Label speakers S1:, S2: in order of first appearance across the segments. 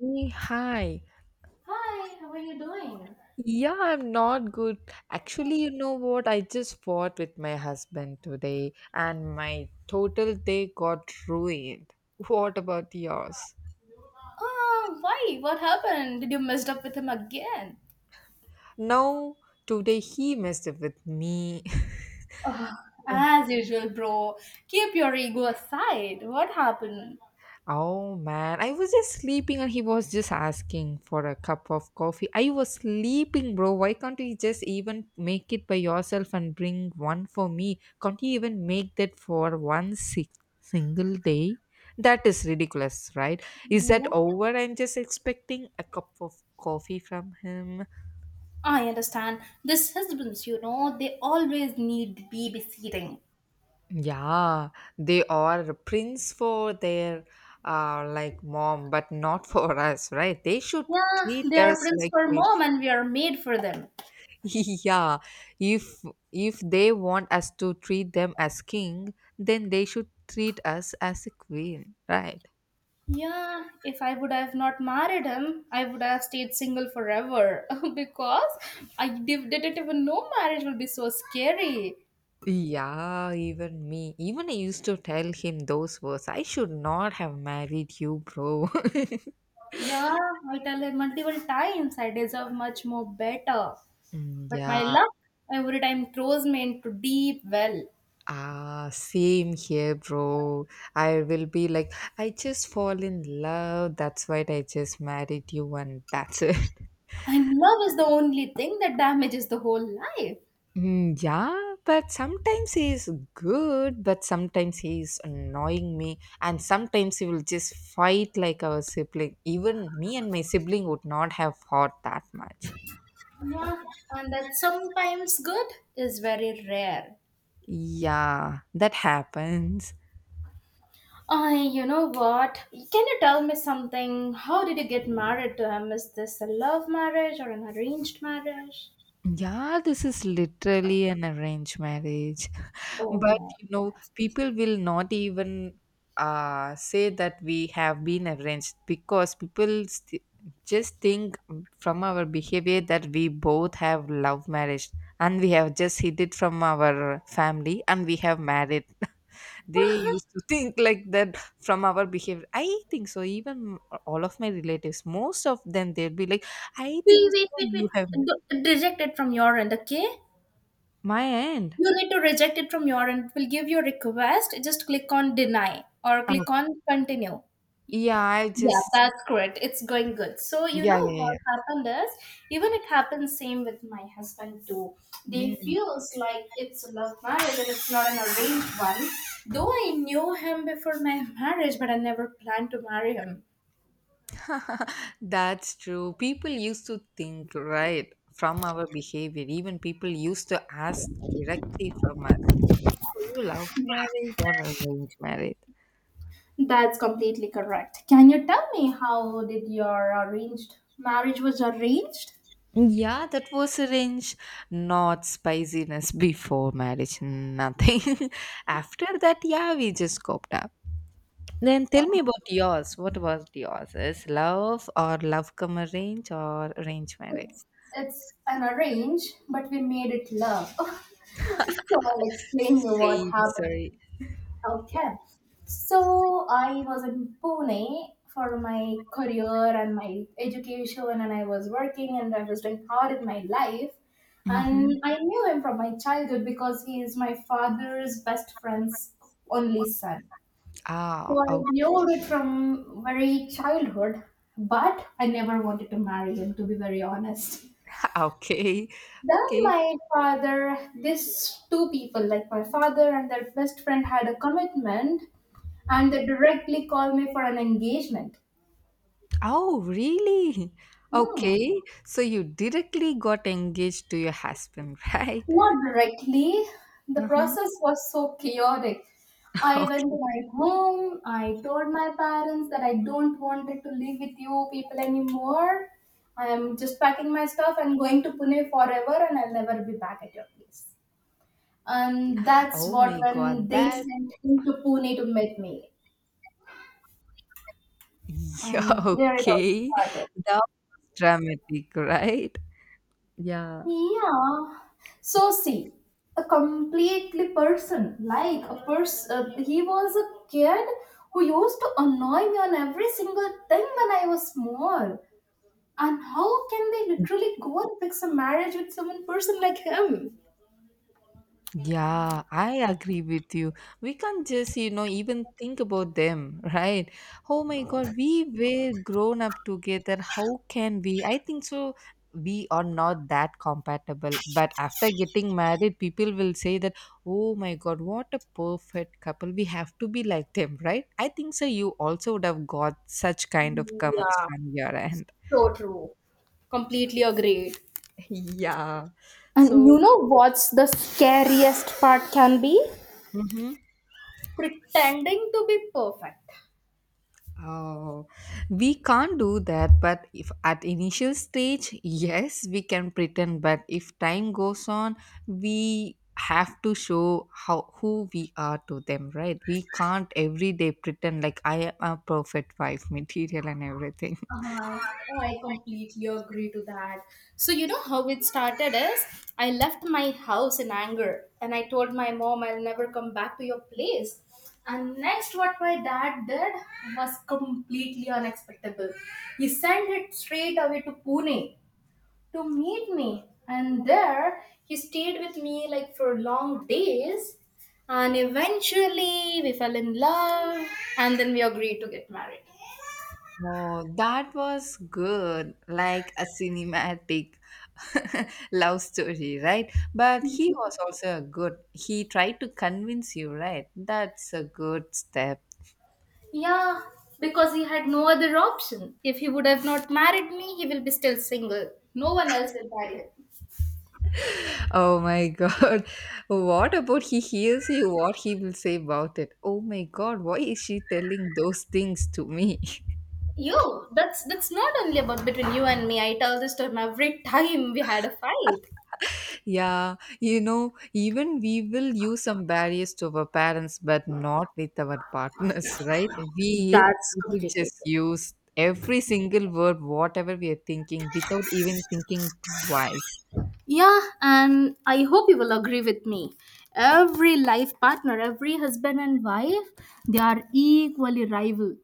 S1: Hey, hi.
S2: Hi, how are you doing?
S1: Yeah, I'm not good. Actually, you know what? I just fought with my husband today and my total day got ruined. What about yours?
S2: Oh, why? What happened? Did you messed up with him again?
S1: No, today he messed up with me.
S2: As usual, bro. Keep your ego aside. What happened?
S1: Oh man, I was just sleeping and he was just asking for a cup of coffee. I was sleeping, bro. Why can't you just even make it by yourself and bring one for me? Can't you even make that for one si- single day? That is ridiculous, right? Is that
S2: Yeah.
S1: over? I'm just expecting a cup of coffee from him.
S2: I understand. These husbands, you know, they always need babysitting.
S1: Yeah, they are prince for their like mom, but not for us, right? They should
S2: Yeah,
S1: treat
S2: they are
S1: us
S2: prince
S1: like
S2: for
S1: queen.
S2: mom and we are made for them.
S1: Yeah, if if they want us to treat them as king, then they should treat us as a queen, right?
S2: Yeah, if I would have not married him, I would have stayed single forever because didn't even know marriage will be so scary.
S1: Yeah, even I used to tell him those words, I should not have married you, bro.
S2: Yeah, I tell her multiple times I deserve much more better.
S1: Mm,
S2: But my
S1: yeah,
S2: luck every time throws me into deep well.
S1: ah, same here, bro. I will be like, I just fall in love. That's why I just married you, and that's it.
S2: And love is the only thing that damages the whole life.
S1: Mm, yeah, but sometimes he is good, but sometimes he is annoying me, and sometimes he will just fight like our sibling. Even me and my sibling would not have fought that much.
S2: Yeah, and that sometimes good is very rare.
S1: Yeah, that happens.
S2: I, you know what? Can you tell me something? How did you get married to him? Is this a love marriage or an arranged marriage?
S1: Yeah, this is literally an arranged marriage.
S2: Oh
S1: But
S2: my
S1: you know,
S2: goodness.
S1: people will not even say that we have been arranged because just think from our behavior that we both have love marriage and we have just hid it from our family and we have married. They used to think like that from our behavior. I think so. Even all of my relatives, most of them, they'll be like, I
S2: Wait,
S1: think
S2: wait,
S1: so.
S2: wait,
S1: You have
S2: wait. D- Reject it from your end, okay?
S1: my end.
S2: You need to reject it from your end. It will give you a request. Just click on deny or
S1: Uh,
S2: click on continue.
S1: yeah, I
S2: Yeah,
S1: just
S2: that's correct. It's going good. So you
S1: yeah,
S2: know
S1: yeah,
S2: what
S1: yeah.
S2: happened is even it happened same with my husband too. They
S1: Mm.
S2: feels like it's a love marriage and it's not an arranged one. Though I knew him before my marriage, but I never planned to marry him.
S1: That's true. People used to think, right, from our behavior. Even people used to ask directly from us, "Oh, you love marriage or arranged marriage?"
S2: That's completely correct. Can you tell me how did your arranged marriage was arranged?
S1: Yeah, that was arranged. Not spiciness before marriage, nothing. After that, yeah, we just coped up. Then tell me about yours. What was yours? Is love or love come arrange or arrange marriage?
S2: It's, it's an arrange, but we made it love. So I'll explain you what
S1: Same,
S2: happened.
S1: sorry.
S2: Okay. So I was in Pune for my career and my education, and I was working and I was doing hard in my life.
S1: Mhm.
S2: And I knew him from my childhood because he is my father's best friend's only son. So
S1: Ah,
S2: I
S1: oh,
S2: knew it from very childhood, but I never wanted to marry him, to be very honest.
S1: okay.
S2: Then
S1: Okay.
S2: my father, these two people, like my father and their best friend, had a commitment and they directly called me for an engagement.
S1: Oh, really?
S2: Hmm.
S1: Okay. So you directly got engaged to your husband, right?
S2: Not directly. The
S1: Uh-huh.
S2: process was so chaotic. I went to
S1: Okay.
S2: my home. I told my parents that I don't wanted to live with you people anymore. I am just packing my stuff and going to Pune forever and I'll never be back at your place. And that's
S1: Oh
S2: what
S1: my
S2: when
S1: God,
S2: they
S1: that
S2: sent him to Pune to meet me.
S1: yeah,
S2: And there it all
S1: okay.
S2: started.
S1: That's dramatic, right? Yeah.
S2: Yeah. So see, a completely person, like a person, he was a kid who used to annoy me on every single thing when I was small. And how can they literally go and fix a marriage with someone person like him?
S1: Yeah, I agree with you. We can't just, you know, even think about them, right? Oh my God, we were grown up together. How can we? I think so. We are not that compatible. But after getting married, people will say that, oh my God, what a perfect couple. We have to be like them, right? I think so. You also would have got such kind of comments
S2: Yeah,
S1: from your end.
S2: so true. Completely agreed.
S1: Yeah,
S2: And you
S1: so
S2: know what's the scariest part can be?
S1: mm-hmm.
S2: Pretending to be perfect.
S1: Oh, we can't do that, but if at initial stage, yes, we can pretend, but if time goes on, we have to show how who we are to them, right? We can't every day pretend like I am a perfect wife, material and everything.
S2: I, I completely agree to that. So, you know how it started is I left my house in anger and I told my mom I'll never come back to your place. And next, what my dad did was completely unexpected. He sent it straight away to Pune to meet me. And there he stayed with me like for long days. And eventually we fell in love and then we agreed to get married.
S1: Oh, that was good, like a cinematic love story, right? But he was also a good. He tried to convince you, right? That's a good step.
S2: Yeah, because he had no other option. If he would have not married me, he will be still single. No one else will marry him.
S1: Oh my god. What about he hears you? What he will say about it? Oh my god, why is she telling those things to me?
S2: You, that's not only about between you and me. I tell this to him every time we had a fight.
S1: Yeah, you know, even we will use some barriers to our parents, but not with our partners, right? We
S2: That's
S1: we will
S2: completely
S1: just
S2: true.
S1: use every single word, whatever we are thinking, without even thinking twice.
S2: Yeah, and I hope you will agree with me. Every life partner, every husband and wife, they are equally rival.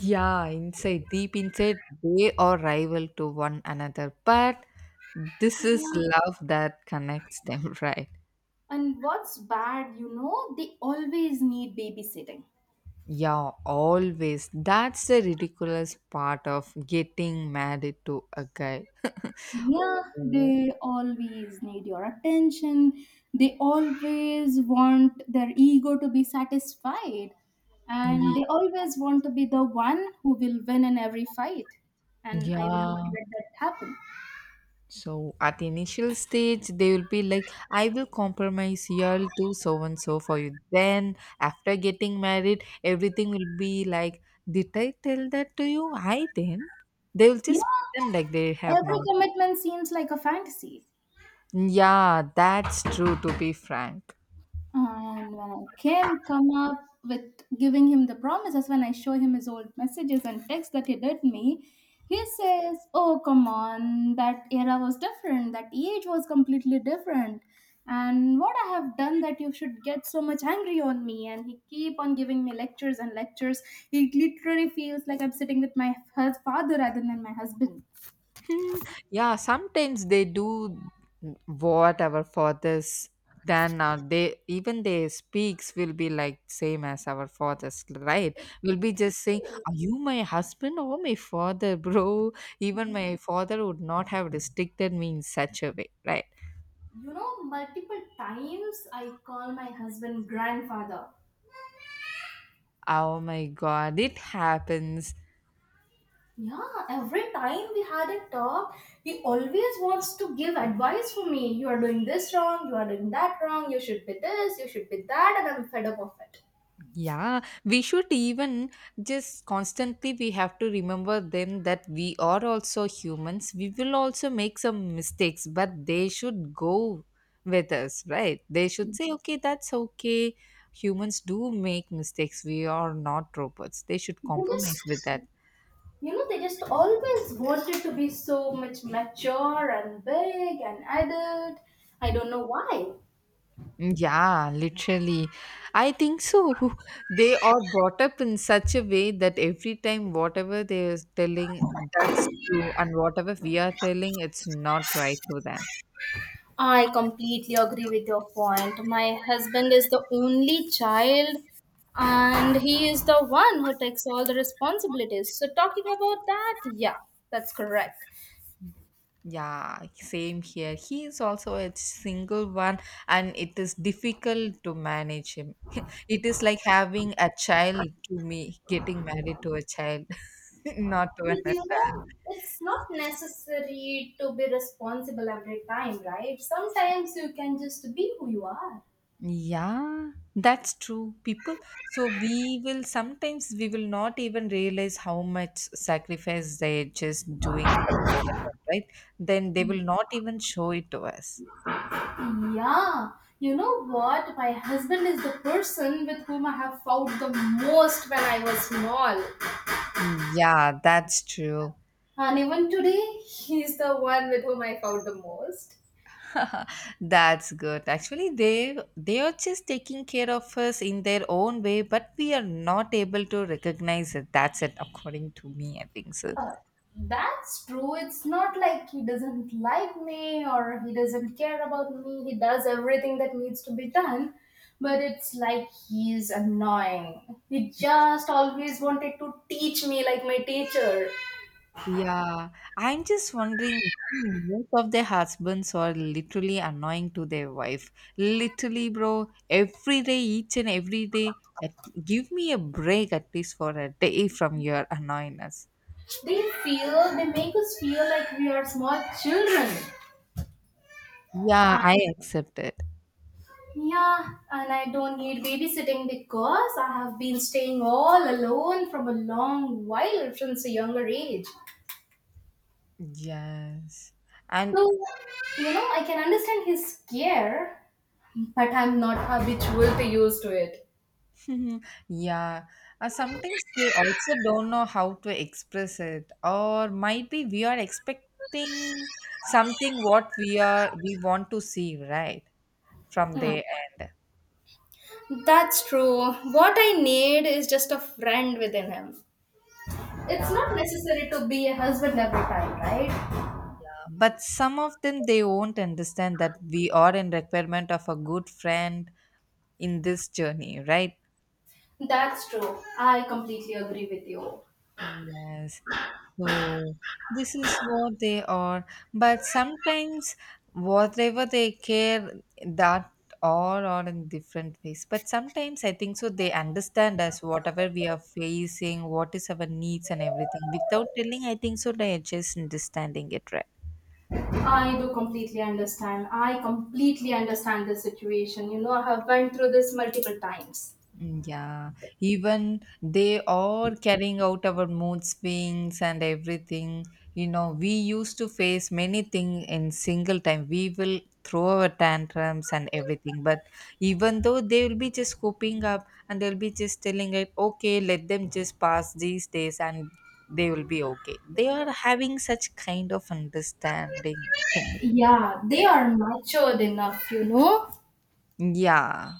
S1: Yeah, inside, deep inside, they are rival to one another. But this is love that connects them, right?
S2: And what's bad, you know, they always need babysitting.
S1: Yeah, always. That's the ridiculous part of getting married to a guy.
S2: Yeah,
S1: Oh,
S2: they always need your attention. They always want their ego to be satisfied. And
S1: ye-
S2: they always want to be the one who will win in every fight. And I will not
S1: yeah.
S2: let that happen.
S1: So at the initial stage, they will be like, I will compromise you to so and so for you. Then after getting married, everything will be like, did I tell that to you? I didn't. They will
S2: Yeah,
S1: just pretend like they have
S2: every
S1: not.
S2: commitment seems like a fantasy.
S1: Yeah, that's true to be frank.
S2: And when I came come up with giving him the promises, when I show him his old messages and texts that he did me, he says, "Oh come on, that era was different. That age was completely different." And what I have done that you should get so much angry on me, and he keep on giving me lectures and lectures. It literally feels like I'm sitting with my father rather than my husband.
S1: Yeah, sometimes they do whatever for this, then they even their speaks will be like same as our fathers, right? Will be just saying, are you my husband or my father? Bro, even my father would not have restricted me in such a way, right?
S2: You know, multiple times I call my husband grandfather.
S1: Oh my god, it happens.
S2: Yeah, every time we had a talk, he always wants to give advice for me. You are doing this wrong, you are doing that wrong, you should be this, you should be that, and I'm fed up of it.
S1: Yeah, we should even just constantly we have to remember them that we are also humans. We will also make some mistakes, but they should go with us, right? They should say, okay, that's okay. Humans do make mistakes. We are not robots. They should
S2: They
S1: compromise
S2: just,
S1: with that.
S2: you know, they just always wanted to be so much mature and big and adult. I don't know why.
S1: Yeah, literally. I think so. They are brought up in such a way that every time whatever they are telling, that's true, and whatever we are telling, it's not right to them.
S2: I completely agree with your point. My husband is the only child, and he is the one who takes all the responsibilities. So, talking about that, yeah, that's correct.
S1: Yeah, same here. He is also a single one, and it is difficult to manage him. It is like having a child to me, getting married to a child, not to
S2: But
S1: another.
S2: you know, it's not necessary to be responsible every time, right? Sometimes you can just be who you are.
S1: Yeah, that's true. People, so we will sometimes we will not even realize how much sacrifice they're just doing from their end, right? Then they will not even show it to us.
S2: Yeah, you know what? My husband is the person with whom I have fought the most when I was small.
S1: Yeah, that's true.
S2: And even today, he's the one with whom I found the most.
S1: That's good. Actually, they are just taking care of us in their own way, but we are not able to recognize it. That's it, according to me, I think so.
S2: That's true. It's not like he doesn't like me or he doesn't care about me. He does everything that needs to be done, but it's like he's annoying. He just always wanted to teach me like my teacher.
S1: Yeah, I'm just wondering, most of their husbands are literally annoying to their wife. Literally, bro, every day, each and every day, give me a break at least for a day from your annoyingness.
S2: They feel, they make us feel like we are small children.
S1: Yeah, I accept it.
S2: Yeah, and I don't need babysitting because I have been staying all alone from a long while since a younger age.
S1: Yes. And
S2: So, you know, I can understand his scare, but I'm not habitual to used to it.
S1: yeah, sometimes they also don't know how to express it, or might be we are expecting something what we want to see, right? From
S2: Mm.
S1: their end.
S2: That's true. What I need is just a friend within him. It's not necessary to be a husband every time, right?
S1: But some of them they won't understand that we are in requirement of a good friend in this journey, right?
S2: That's true. I completely agree with you.
S1: Yes. So this is what they are. But sometimes whatever they care, that all are in different ways. But sometimes I think so they understand us whatever we are facing, what is our needs and everything. Without telling, I think so they are just understanding it, right.
S2: I do completely understand. I completely understand the situation. You know, I have went through this multiple times.
S1: Mm, yeah, even they are carrying out our mood swings and everything. You know, we used to face many things in single time. We will throw our tantrums and everything, but even though they will be just coping up and they'll be just telling it, okay, let them just pass these days and they will be okay. They are having such kind of understanding things
S2: Yeah, they
S1: there.
S2: are matured enough, you know.
S1: Yeah,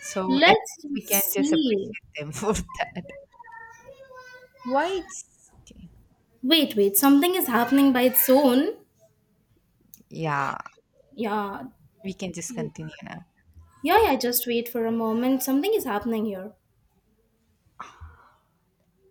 S1: so at
S2: Let's
S1: least
S2: just
S1: we can just
S2: see.
S1: appreciate them for that. Why it's okay.
S2: Wait, wait, something is happening by its own.
S1: Yeah,
S2: Yeah.
S1: we can just continue now.
S2: Yeah, yeah, just wait for a moment. Something is happening here.